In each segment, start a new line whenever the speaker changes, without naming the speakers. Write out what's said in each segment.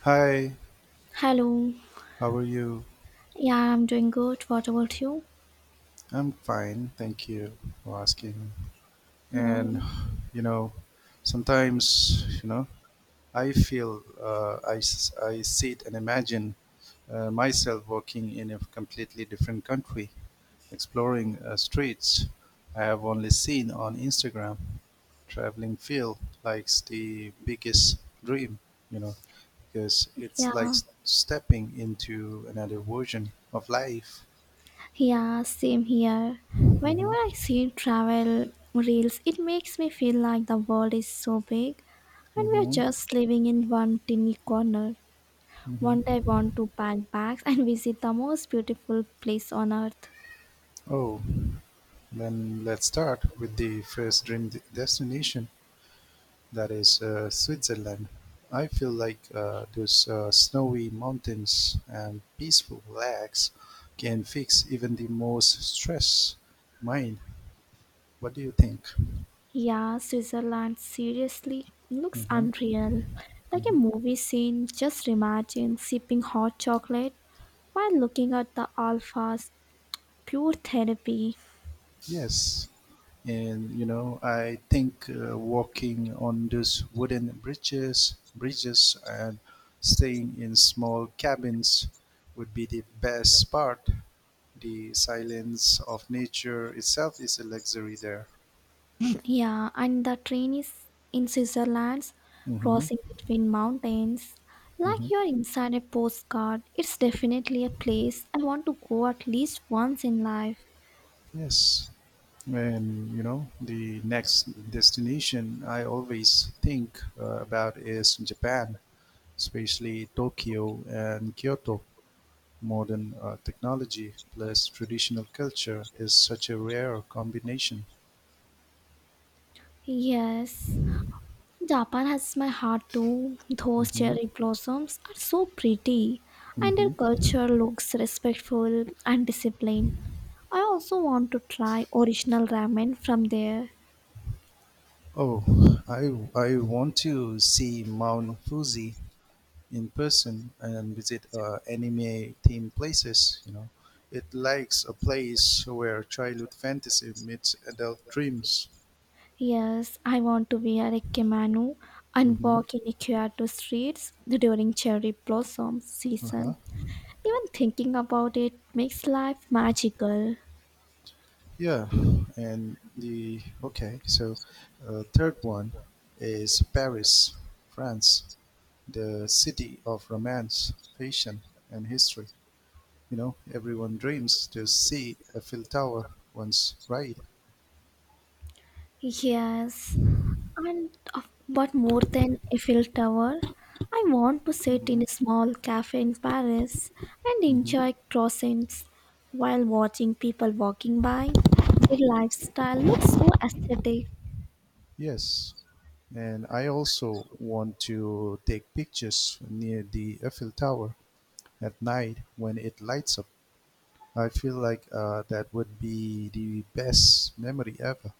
Hi,
Hello.
how are you?
Yeah, I'm doing good. What about you?
I'm fine, thank you for asking.
No.
And you know, sometimes I feel I sit and imagine myself working in a completely different country, exploring streets I have only seen on Instagram. Traveling feel like the biggest dream, you know, because
Yeah.
it's like stepping into another version of life.
Yeah, same here. Whenever
Mhm,
I see travel reels, it makes me feel like the world is so big and we are
mhm,
just living in one tiny corner.
mhm.
One day I want to pack bags and visit the most beautiful place on earth.
Oh, then let's start with the first dream destination, that is Switzerland. I feel like those snowy mountains and peaceful lakes can fix even the most stressed mind. What do you think?
Yeah, Switzerland seriously looks
Mm-hmm.
unreal. Like a movie scene, just imagine sipping hot chocolate while looking at the alphas pure therapy.
Yes. I think walking on those wooden bridges, and staying in small cabins would be the best part. The silence of nature itself is a luxury there.
Yeah, and the train is in Switzerland's
Mm-hmm.
crossing between mountains, like
Mm-hmm.
you're inside a postcard. It's definitely a place I want to go at least once in life.
Yes. And you know, the next destination I always think about is Japan, especially Tokyo and Kyoto. Modern technology plus traditional culture is such a rare combination.
Yes, Japan has my heart too. Those
Hmm.
cherry blossoms are so pretty, and their
Hmm.
culture looks respectful and disciplined. I also want to try original ramen from there.
Oh, I want to see Mount Fuji in person and visit anime themed places. You know, it likes a place where childhood fantasy meets adult dreams.
Yes, I want to wear a kimono and
Hmm.
walk in a Kyoto streets during cherry blossom
Uh-huh.
season. Even thinking about it makes life magical.
Yeah, and the okay. So, third one is Paris, France, the city of romance, passion, and history. You know, everyone dreams to see a Eiffel Tower once, right?
Yes, but more than Eiffel Tower, I want to sit in
Hmm.
a small cafe in Paris and
Hmm.
enjoy croissants while watching people walking by. Their lifestyle looks so aesthetic.
Yes, and I also want to take pictures near the Eiffel Tower at night when it lights up. I feel like that would be the best memory ever.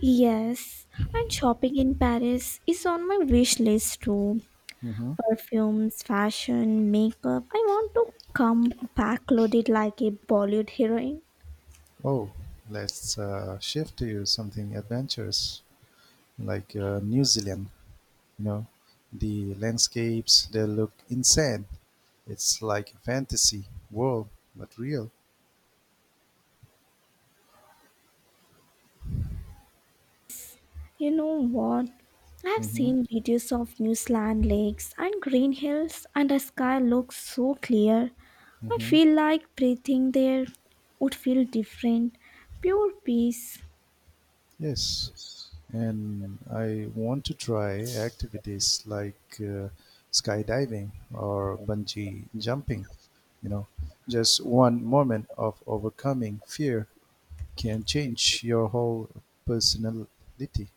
Yes, and shopping in Paris is on my wish list too.
Hmm.
Perfumes, fashion, makeup. I want to come back loaded like a Bollywood heroine.
Oh, let's shift to something adventurous, like New Zealand. You know, the landscapes they look insane. It's like a fantasy world, but real.
You know what? I have
Mm-hmm.
seen videos of New Zealand lakes and green hills, and the sky looks so clear. I
Mm-hmm.
feel like breathing there would feel different. Pure peace.
Yes, and I want to try activities like skydiving or bungee jumping. You know, just one moment of overcoming fear can change your whole personality.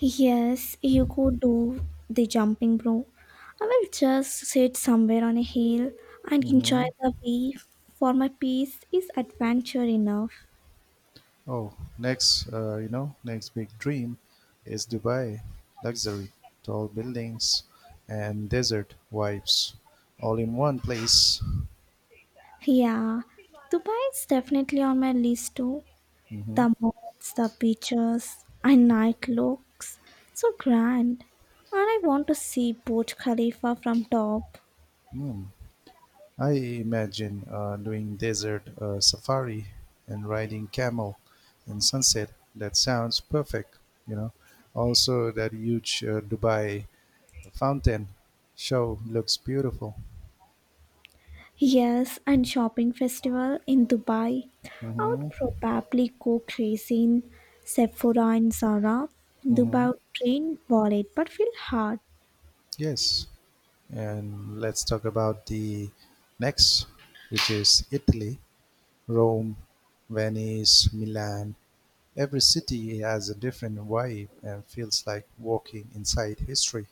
Yes, you go do the jumping, bro. I will just sit somewhere on a hill and enjoy
Mm-hmm.
the view. For my peace is adventure enough.
Oh, next, next big dream is Dubai. Luxury, tall buildings, and desert vibes, all in one place.
Yeah, Dubai is definitely on my list too.
Mm-hmm.
The malls, the beaches, and night looks so grand. And I want to see Burj Khalifa from top.
Hmm. Mm. I imagine doing desert safari and riding camel in sunset. That sounds perfect, you know. Also, that huge Dubai fountain show looks beautiful.
Yes, and shopping festival in Dubai. I
Hmm.
would probably go crazy in Sephora and Zara.
Hmm.
Dubai would drain wallet but feel hard.
Yes. And let's talk about the next, which is Italy, Rome, Venice, Milan. Every city has a different vibe and feels like walking inside history.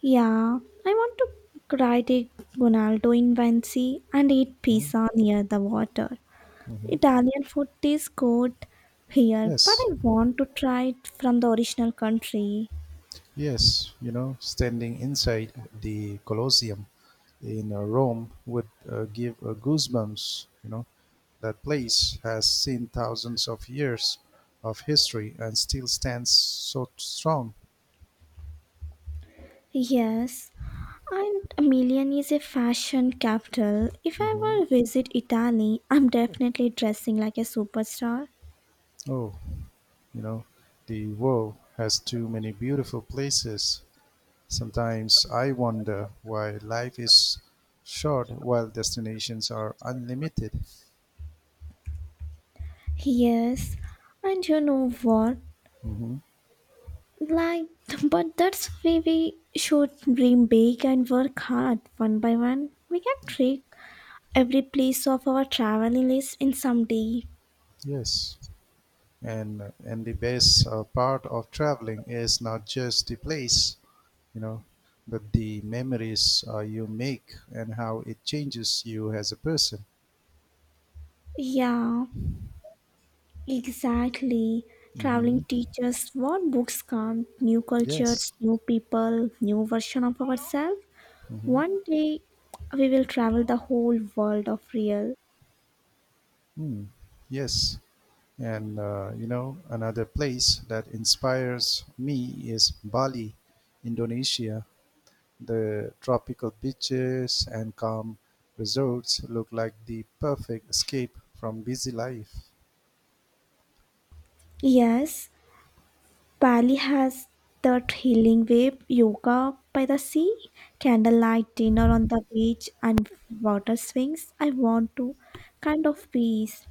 Yeah, I want to ride a Ronaldo in Vinci and eat
Hmm?
pizza near the water.
Mm-hmm.
Italian food tastes good here, but
Yes,
I want to try it from the original country.
yes, you know, standing inside the Colosseum in Rome would give goosebumps. You know, that place has seen thousands of years of history and still stands so strong.
Yes, and Milan is a fashion capital. If I
Hmm.
were to visit Italy, I'm definitely dressing like a superstar.
Oh, you know, the world has too many beautiful places. Sometimes I wonder why life is short while destinations are unlimited.
Yes, and you know what?
Hmm.
Like, but that's why we should dream big and work hard one by one. We can trick every place of our traveling list in some day.
Yes, and the best part of traveling is not just the place, you know, but the memories you make and how it changes you as a person.
Yeah, exactly. Traveling
Hmm.
teaches what books can't, new cultures,
Yes.
new people, new version of ourselves.
Mm-hmm.
One day we will travel the whole world of real.
Hmm. Mm. Yes. And you know, another place that inspires me is Bali, Indonesia. The tropical beaches and calm resorts look like the perfect escape from busy life.
Yes, Bali has that healing wave, yoga by the sea, candlelight dinner on the beach and water swings. I want to kind of peace.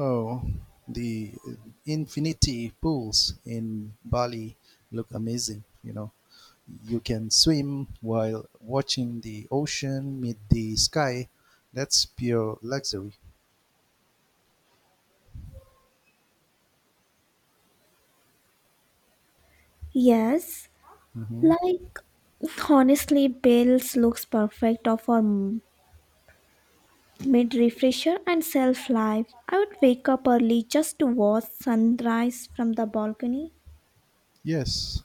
Oh, the infinity pools in Bali look amazing, you know. You can swim while watching the ocean meet the sky. That's pure luxury.
Yes,
Hmm.
like honestly, Bales looks perfect for mid refresher and self life. I would wake up early just to watch sunrise from the balcony.
Yes,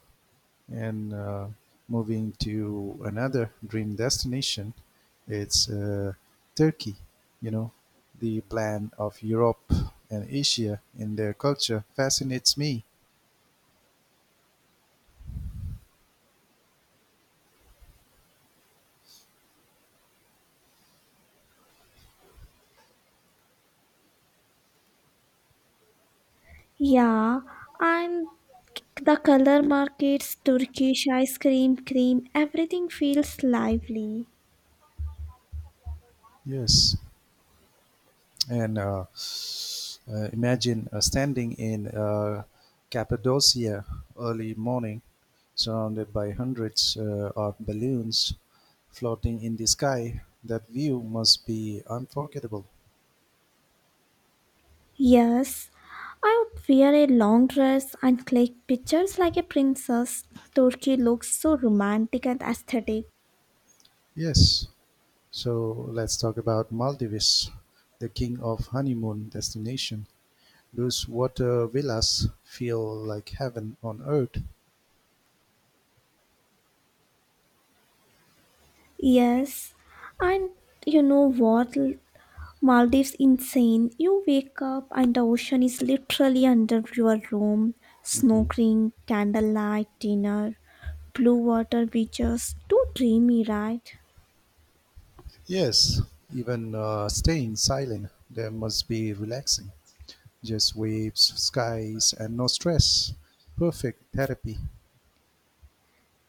and moving to another dream destination, it's Turkey. You know, the blend of Europe and Asia in their culture fascinates me.
Yeah, and the color markets, Turkish ice cream, cream, everything feels lively.
Yes, and imagine standing in Cappadocia early morning, surrounded by hundreds of balloons floating in the sky. That view must be unforgettable.
Yes, I would wear a long dress and click pictures like a princess. Turkey looks so romantic and aesthetic.
Yes. So let's talk about Maldives, the king of honeymoon destination. Those water villas feel like heaven on earth.
Yes, and you know what? Maldives insane. You wake up and the ocean is literally under your room.
Hmm.
Snorkeling, candlelight dinner, blue water beaches. Too dreamy, right?
Yes, even staying silent, there must be relaxing. Just waves, skies, and no stress. Perfect therapy.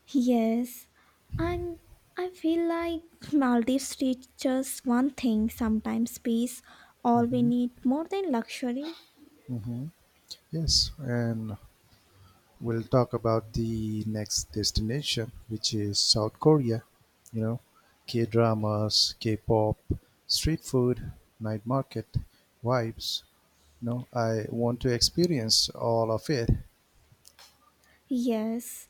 Yes. And I feel like Maldives teaches one thing sometimes peace, all we
Hmm.
need more than luxury.
Hmm. Yes, and we'll talk about the next destination, which is South Korea. You know, K dramas, K pop, street food, night market, vibes. You know, I want to experience all of it.
Yes,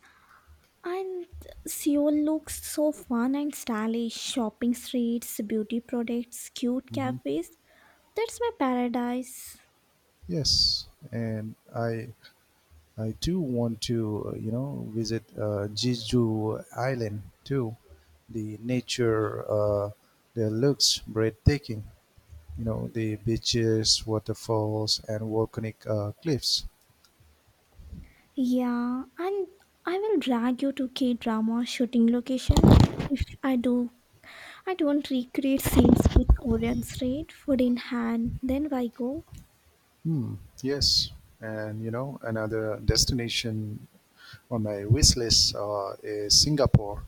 and Seoul looks so fun and stylish. Shopping streets, beauty products, cute
Hmm.
cafes. That's my paradise.
Yes, and I do want to visit Jeju Island too. The nature there looks breathtaking. You know, the beaches, waterfalls, and volcanic cliffs.
Yeah, and I will drag you to K drama shooting locations. If I do, I don't recreate scenes with Korean street food in hand. Then why go?
Hmm. Yes, and you know another destination on my wish list is Singapore.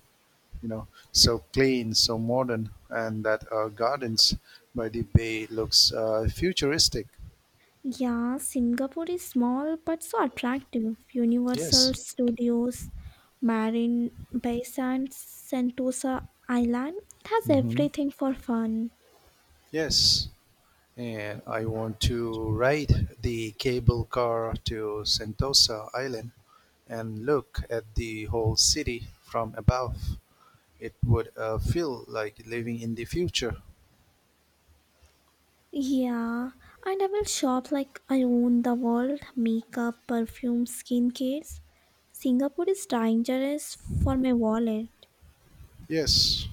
You know, so clean, so modern, and that gardens by the bay looks futuristic.
Yeah, Singapore is small but so attractive. Universal
Yes.
Studios, Marine Bay Sands, Sentosa Island. It has
Hmm.
everything for fun.
Yes. And I want to ride the cable car to Sentosa Island and look at the whole city from above. It would feel like living in the future.
Yeah, and I will shop like I own the world makeup, perfume, skincares. Singapore is dangerous for my wallet.
Yes,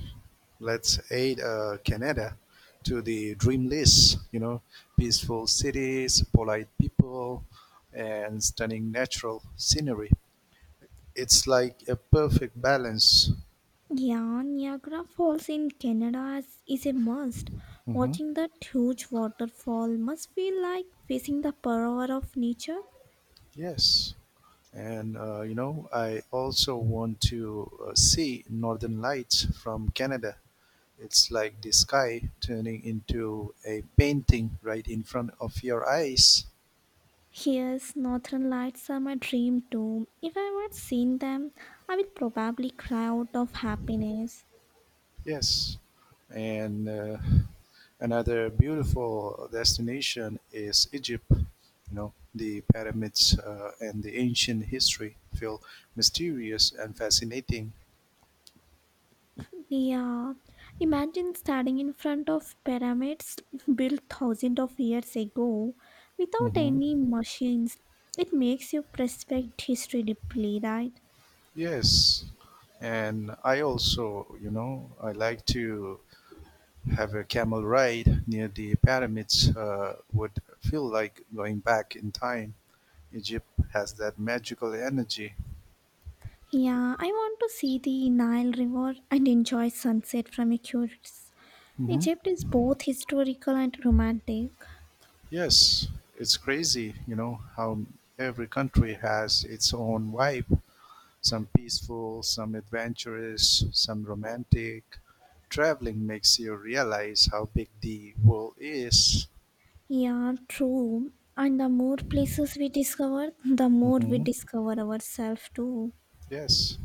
let's add Canada to the dream list. You know, peaceful cities, polite people, and stunning natural scenery. It's like a perfect balance.
Yeah, Niagara Falls in Canada is a must.
Hmm.
Watching that huge waterfall must feel like facing the power of nature.
Yes, and you know, I also want to see Northern Lights from Canada. It's like the sky turning into a painting right in front of your eyes.
Yes, northern lights are my dream too. If I had seen them, I would probably cry out of happiness.
Yes, and another beautiful destination is Egypt. You know, the pyramids and the ancient history feel mysterious and fascinating.
Yeah, imagine standing in front of pyramids built thousands of years ago without
Hmm.
any machines. It makes you respect history deeply, right?
Yes, and I also, you know, I like to have a camel ride near the pyramids. Would feel like going back in time. Egypt has that magical energy.
Yeah, I want to see the Nile River and enjoy sunset from Egypt.
Hmm.
Egypt is both historical and romantic.
Yes, it's crazy, you know, how every country has its own vibe. Some peaceful, some adventurous, some romantic. Traveling makes you realize how big the world is.
Yeah, true. And the more places we discover, the more we
Hmm.
discover ourselves too.
Yes.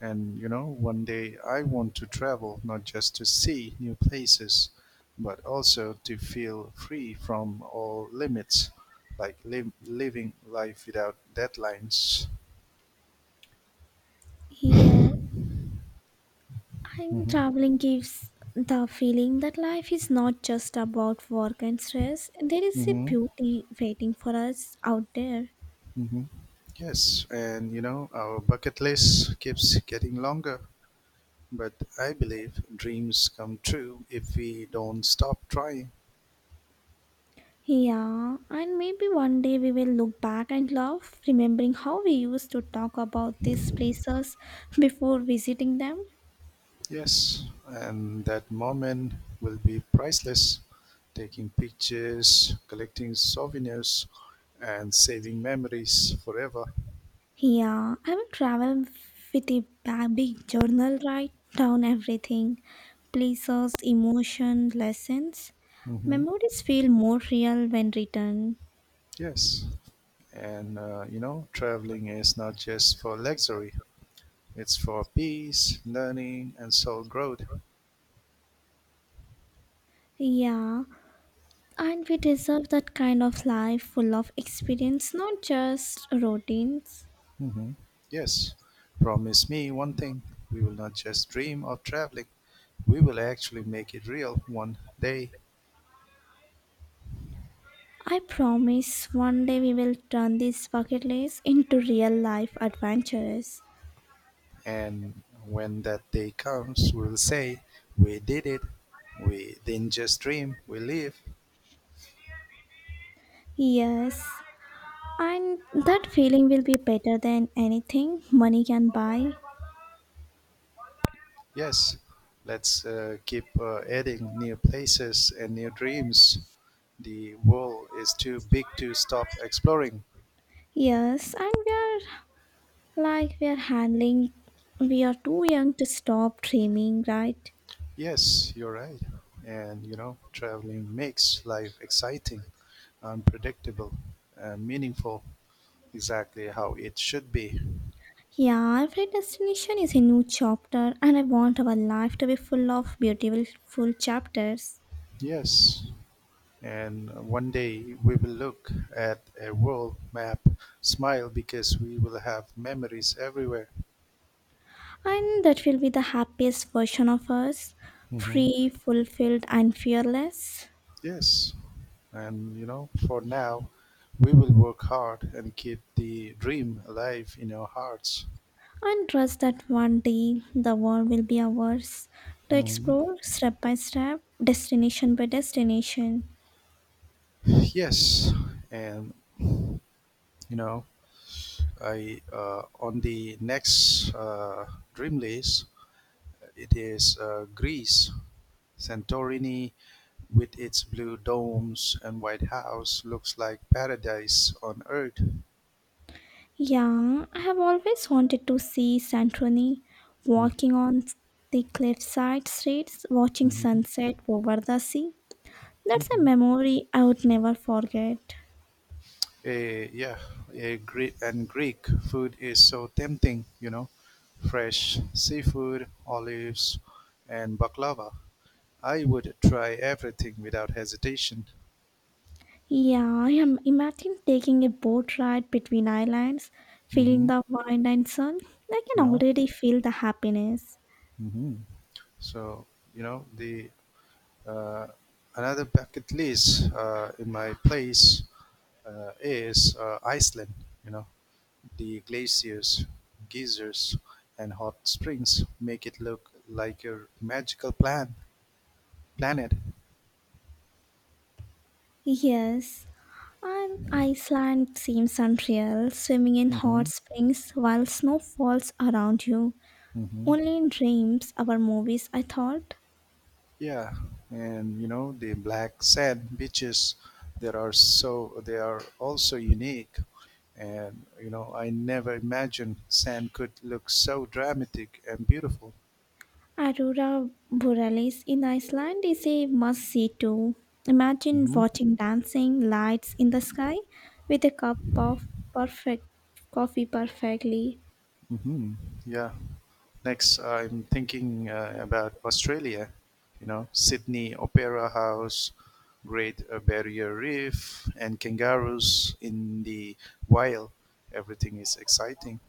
And, you know, one day I want to travel not just to see new places, but also to feel free from all limits, like living life without deadlines.
Yes. I think traveling gives the feeling that life is not just about work and stress. There is a
Mm-hmm.
beauty waiting for us out there.
Hmm. Yes, and you know, our bucket list keeps getting longer, but I believe dreams come true if we don't stop trying.
Yeah, and maybe one day we will look back and love, remembering how we used to talk about these places before visiting them.
Yes, and that moment will be priceless. Taking pictures, collecting souvenirs, and saving memories forever.
Yeah, I will travel with a big journal, write down everything places, emotion, lessons.
Hmm.
Memories feel more real when written.
Yes, and you know, traveling is not just for luxury, it's for peace, learning, and soul growth.
Yeah, and we deserve that kind of life full of experience, not just routines.
Hmm. Yes, promise me one thing. We will not just dream of traveling. We will actually make it real one day.
I promise one day we will turn these bucket lists into real life adventures.
And when that day comes, we will say, we did it. We didn't just dream, we live.
Yes, and that feeling will be better than anything money can buy.
Yes, let's keep adding new places and new dreams. The world is too big to stop exploring.
Yes, and we are like we are handling, we are too young to stop dreaming, right?
Yes, you're right. And you know, traveling makes life exciting, unpredictable, and meaningful, exactly how it should be.
Yeah, every destination is a new chapter, and I want our life to be full of beautiful full chapters.
Yes. And one day we will look at a world map, smile because we will have memories everywhere.
And that will be the happiest version of us
Hmm.
free, fulfilled, and fearless.
Yes. And you know, for now, we will work hard and keep the dream alive in our hearts.
And trust that one day the world will be ours to
Mhm.
explore step by step, destination by destination.
Yes. And you know, I on the next dream list, it is Greece. Santorini with its blue domes and white house looks like paradise on earth.
Yeah, I have always wanted to see Santorini
Mhm,
walking on the cliffside streets, watching
mhm,
sunset over the sea. That's a
mhm.
memory I would never forget.
Yeah, and Greek food is so tempting, you know, fresh seafood, olives, and baklava. I would try everything without hesitation.
Yeah, I am imagine taking a boat ride between islands, feeling
Hmm.
the wind and sun. I can
Yeah.
already feel the happiness.
Hmm. So, you know, the uh, another bucket list in my place is Iceland. You know, the glaciers, geysers, and hot springs make it look like a magical planet.
Yes, and Iceland seems unreal, swimming in hot
Mm-hmm.
springs while snow falls around you.
Mm-hmm.
Only in dreams or movies, I thought.
Yeah, and you know the black sand beaches, there are so they are also unique, and you know I never imagined sand could look so dramatic and beautiful.
Aurora Borealis in Iceland is a must see too. Imagine
Hmm.
watching dancing lights in the sky with a cup of perfect coffee perfectly.
Hmm. Yeah. Next, I'm thinking about Australia. You know, Sydney Opera House, Great Barrier Reef, and kangaroos in the wild. Everything is exciting.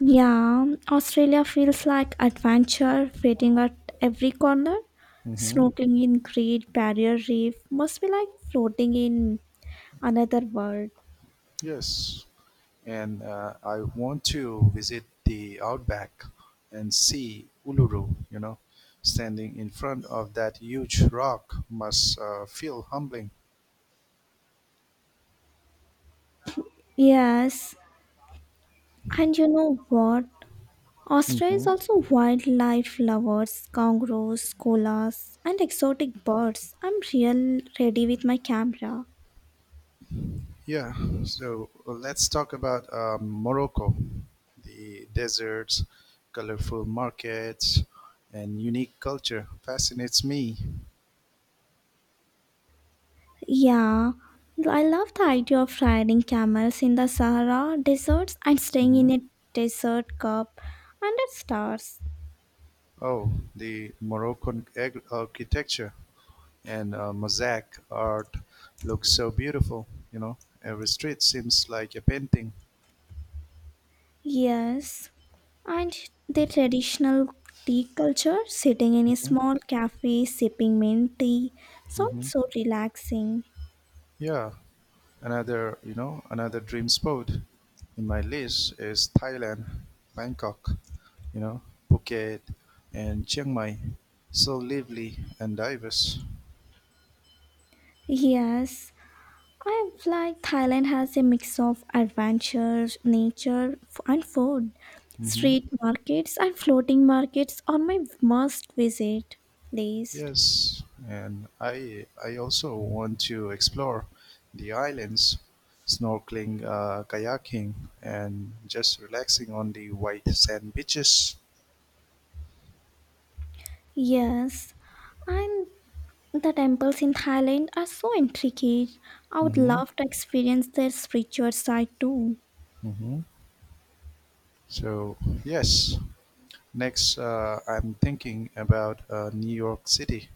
Yeah, Australia feels like adventure waiting at every corner.
Hmm.
Snorkeling in Great Barrier Reef must be like floating in another world.
Yes. And I want to visit the outback and see Uluru. You know, standing in front of that huge rock must feel humbling.
Yes, and you know what? Austria
Hmm.
is also wildlife lovers, kangaroos, koalas, and exotic birds. I'm real ready with my camera.
Yeah. So let's talk about Morocco, the deserts, colorful markets, and unique culture fascinates me.
Yeah, I love the idea of riding camels in the Sahara deserts and staying
Hmm.
in a desert cup under stars.
Oh, the Moroccan architecture and mosaic art looks so beautiful. You know, every street seems like a painting.
Yes, and the traditional tea culture, sitting in a
Hmm.
small cafe sipping mint tea, sounds
Hmm.
so relaxing.
Yeah, another you know another dream spot in my list is Thailand, Bangkok. You know, Phuket and Chiang Mai, so lively and diverse.
Yes, I feel like Thailand has a mix of adventures, nature, and food.
Hmm.
Street markets and floating markets are my must visit list.
Yes, and I also want to explore the islands, snorkeling, kayaking, and just relaxing on the white sand beaches.
Yes, and the temples in Thailand are so intricate. I would
Mm-hmm.
love to experience their spiritual side too.
Mm-hmm. So yes, next I'm thinking about New York City,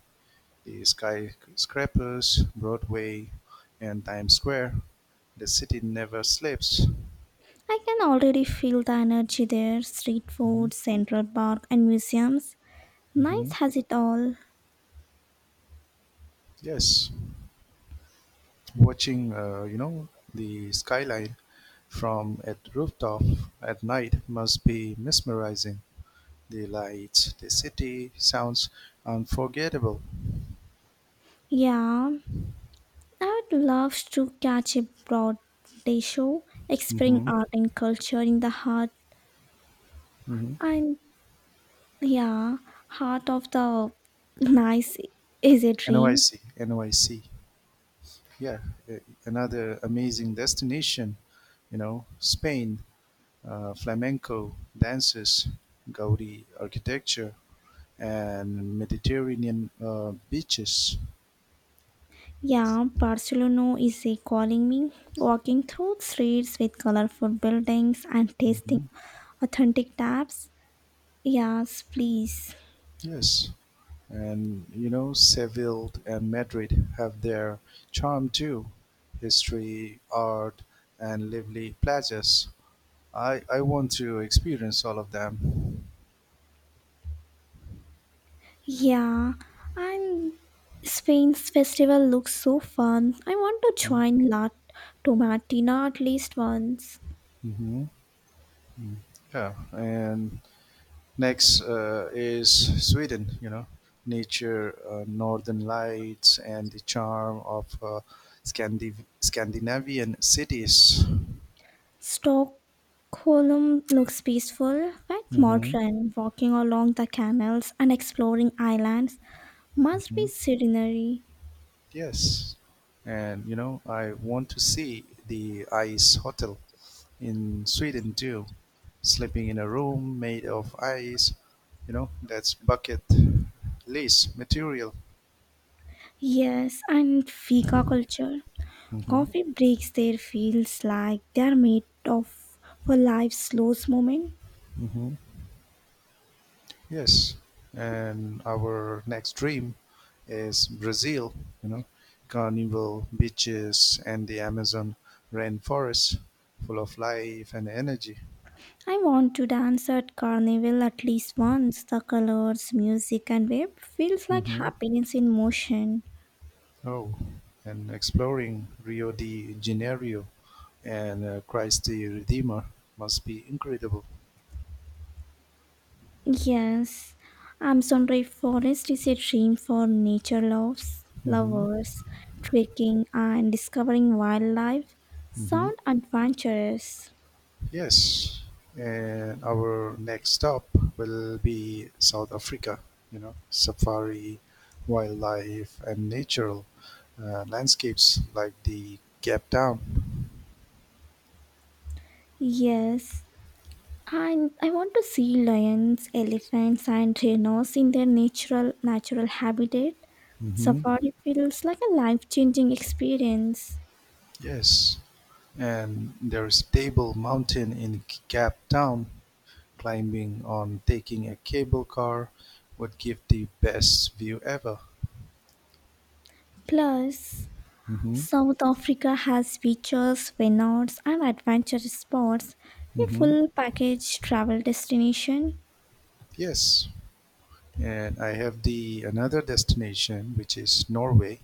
the skyscrapers, Broadway, and Times Square. The city never sleeps.
I can already feel the energy there. Street
Mm-hmm.
food, Central Park, and museums.
Mm-hmm.
Nice has it all.
Yes. Watching, you know, the skyline from a rooftop at night must be mesmerizing, the lights, the city sounds, unforgettable.
Yeah, I would love to catch a broad day show exploring
Mm-hmm.
art and culture in the heart
Mm-hmm.
and yeah, heart of the nice is a dream.
NYC, NYC. Yeah. uh, Another amazing destination, you know, Spain, flamenco dances, Gaudi architecture, and Mediterranean beaches.
Yeah, Barcelona is a calling me. Walking through streets with colorful buildings and tasting
Mhm.
authentic taps. Yes, please.
Yes, and you know, Seville and Madrid have their charm too. History, art, and lively places. I want to experience all of them.
Yeah, and Spain's festival looks so fun. I want to join La Tomatina at least once.
Mm-hmm. Yeah, and next is Sweden, you know, nature, northern lights, and the charm of Scandi- Scandinavian cities.
Stockholm looks peaceful, but
Hmm.
modern. Walking along the canals and exploring islands must be scenery.
Yes. And you know, I want to see the ice hotel in Sweden too. Sleeping in a room made of ice, you know, that's bucket list material.
Yes, and Fika culture.
Hmm.
Coffee breaks there feels like they are made of for life's slowest moment.
Hmm. Yes. And our next dream is Brazil, you know, carnival beaches and the Amazon rainforest full of life and energy.
I want to dance at carnival at least once. The colors, music, and web feels like
Hmm.
happiness in motion.
Oh, and exploring Rio de Janeiro and Christ the Redeemer must be incredible.
Yes, Amazon rainforest is a dream for nature loves,
Hmm.
lovers, trekking and discovering wildlife.
Hmm.
Sound adventurous.
Yes, and our next stop will be South Africa. You know, safari, wildlife, and natural landscapes like the Cape Town.
Yes, and I want to see lions, elephants, and rhinos in their natural habitat.
Hmm.
Safari feels like a life-changing experience.
Yes, and there is Table Mountain in Cape Town. Climbing on taking a cable car would give the best view ever.
Plus,
Hmm.
South Africa has beaches, vineyards, and adventure spots, a
Hmm.
full package travel destination.
Yes, and I have the another destination which is Norway.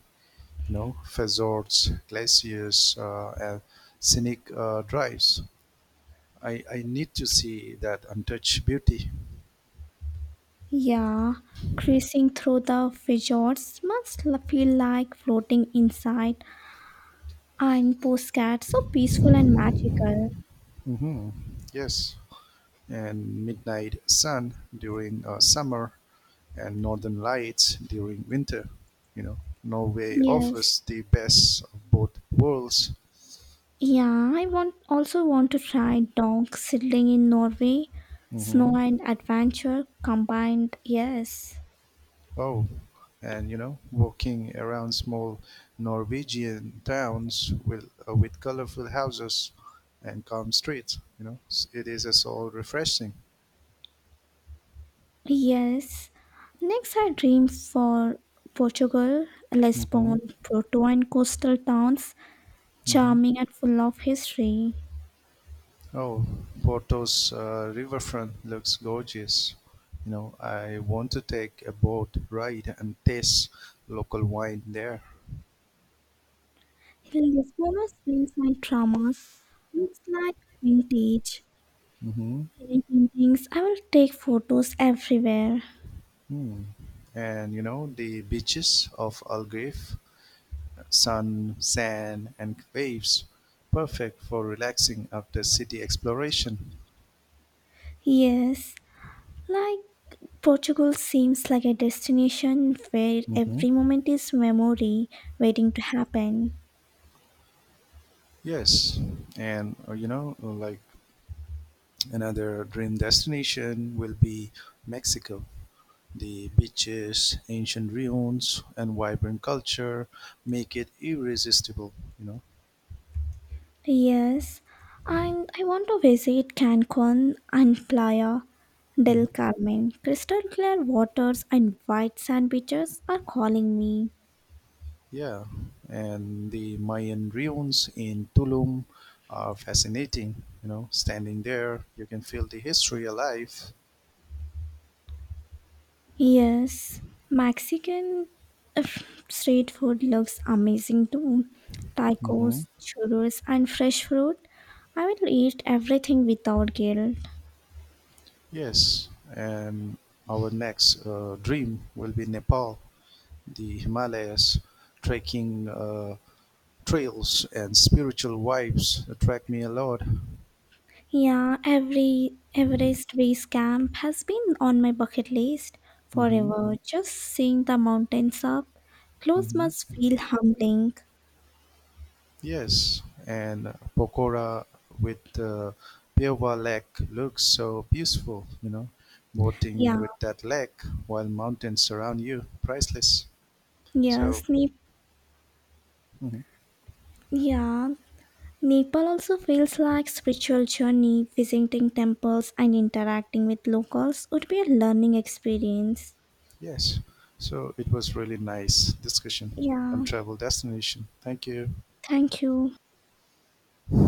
You know, fjords, glaciers, and scenic drives. I need to see that untouched beauty.
Yeah, cruising through the fjords must feel like floating inside and postcard. So peaceful and magical.
Hmm. Yes, and midnight sun during summer and northern lights during winter. You know, Norway
Yes.
offers the best of both worlds.
Yeah, I want also want to try dog sailing in Norway,
Hmm.
snow and adventure combined. Yes.
Oh, and you know, walking around small Norwegian towns with colorful houses and calm streets. You know, it is a so refreshing.
Yes. Next are dreams for Portugal,
Hmm.
Lisbon, Porto, and coastal towns,
Hmm.
charming and full of history.
Oh, Porto's riverfront looks gorgeous. You know, I want to take a boat ride and taste local wine there.
Lisbon's streets and dramas, looks like vintage,
Hmm.
pretty paintings. I will take photos everywhere.
Hmm. And you know, the beaches of Algarve, sun, sand, and waves, perfect for relaxing after city exploration.
Yes, like Portugal seems like a destination where
Hmm.
every moment is memory waiting to happen.
Yes, and you know, like, another dream destination will be Mexico. The beaches, ancient ruins, and vibrant culture make it irresistible, you
Yes, and I want to visit Cancun and Playa del
know.
Carmen. Crystal clear waters and white sand beaches are calling me.
Yeah, and the Mayan ruins in Tulum are fascinating. You know, standing there, you can feel the history alive.
Yes, Mexican uh, street food looks amazing too.
Hmm.
Tacos, churros, and fresh fruit. I will eat everything without guilt.
Yes, and our next dream will be Nepal, the Himalayas, trekking trails and spiritual vibes attract me a lot.
Yeah, every Everest Base Camp has been on my bucket list
Hmm.
forever. Just seeing the mountains up close
Hmm.
must feel humbling.
Yes, and Pokora with Peova Lake looks so peaceful, you know, boating
Yeah,
with that lake while mountains surround you, priceless.
yes,
So,
ne-
mhm,
yeah. Nepal also feels like spiritual journey. Visiting temples and interacting with locals would be a learning experience.
yes, so it was really nice discussion on
Yeah,
travel destination. Thank you.
thank you.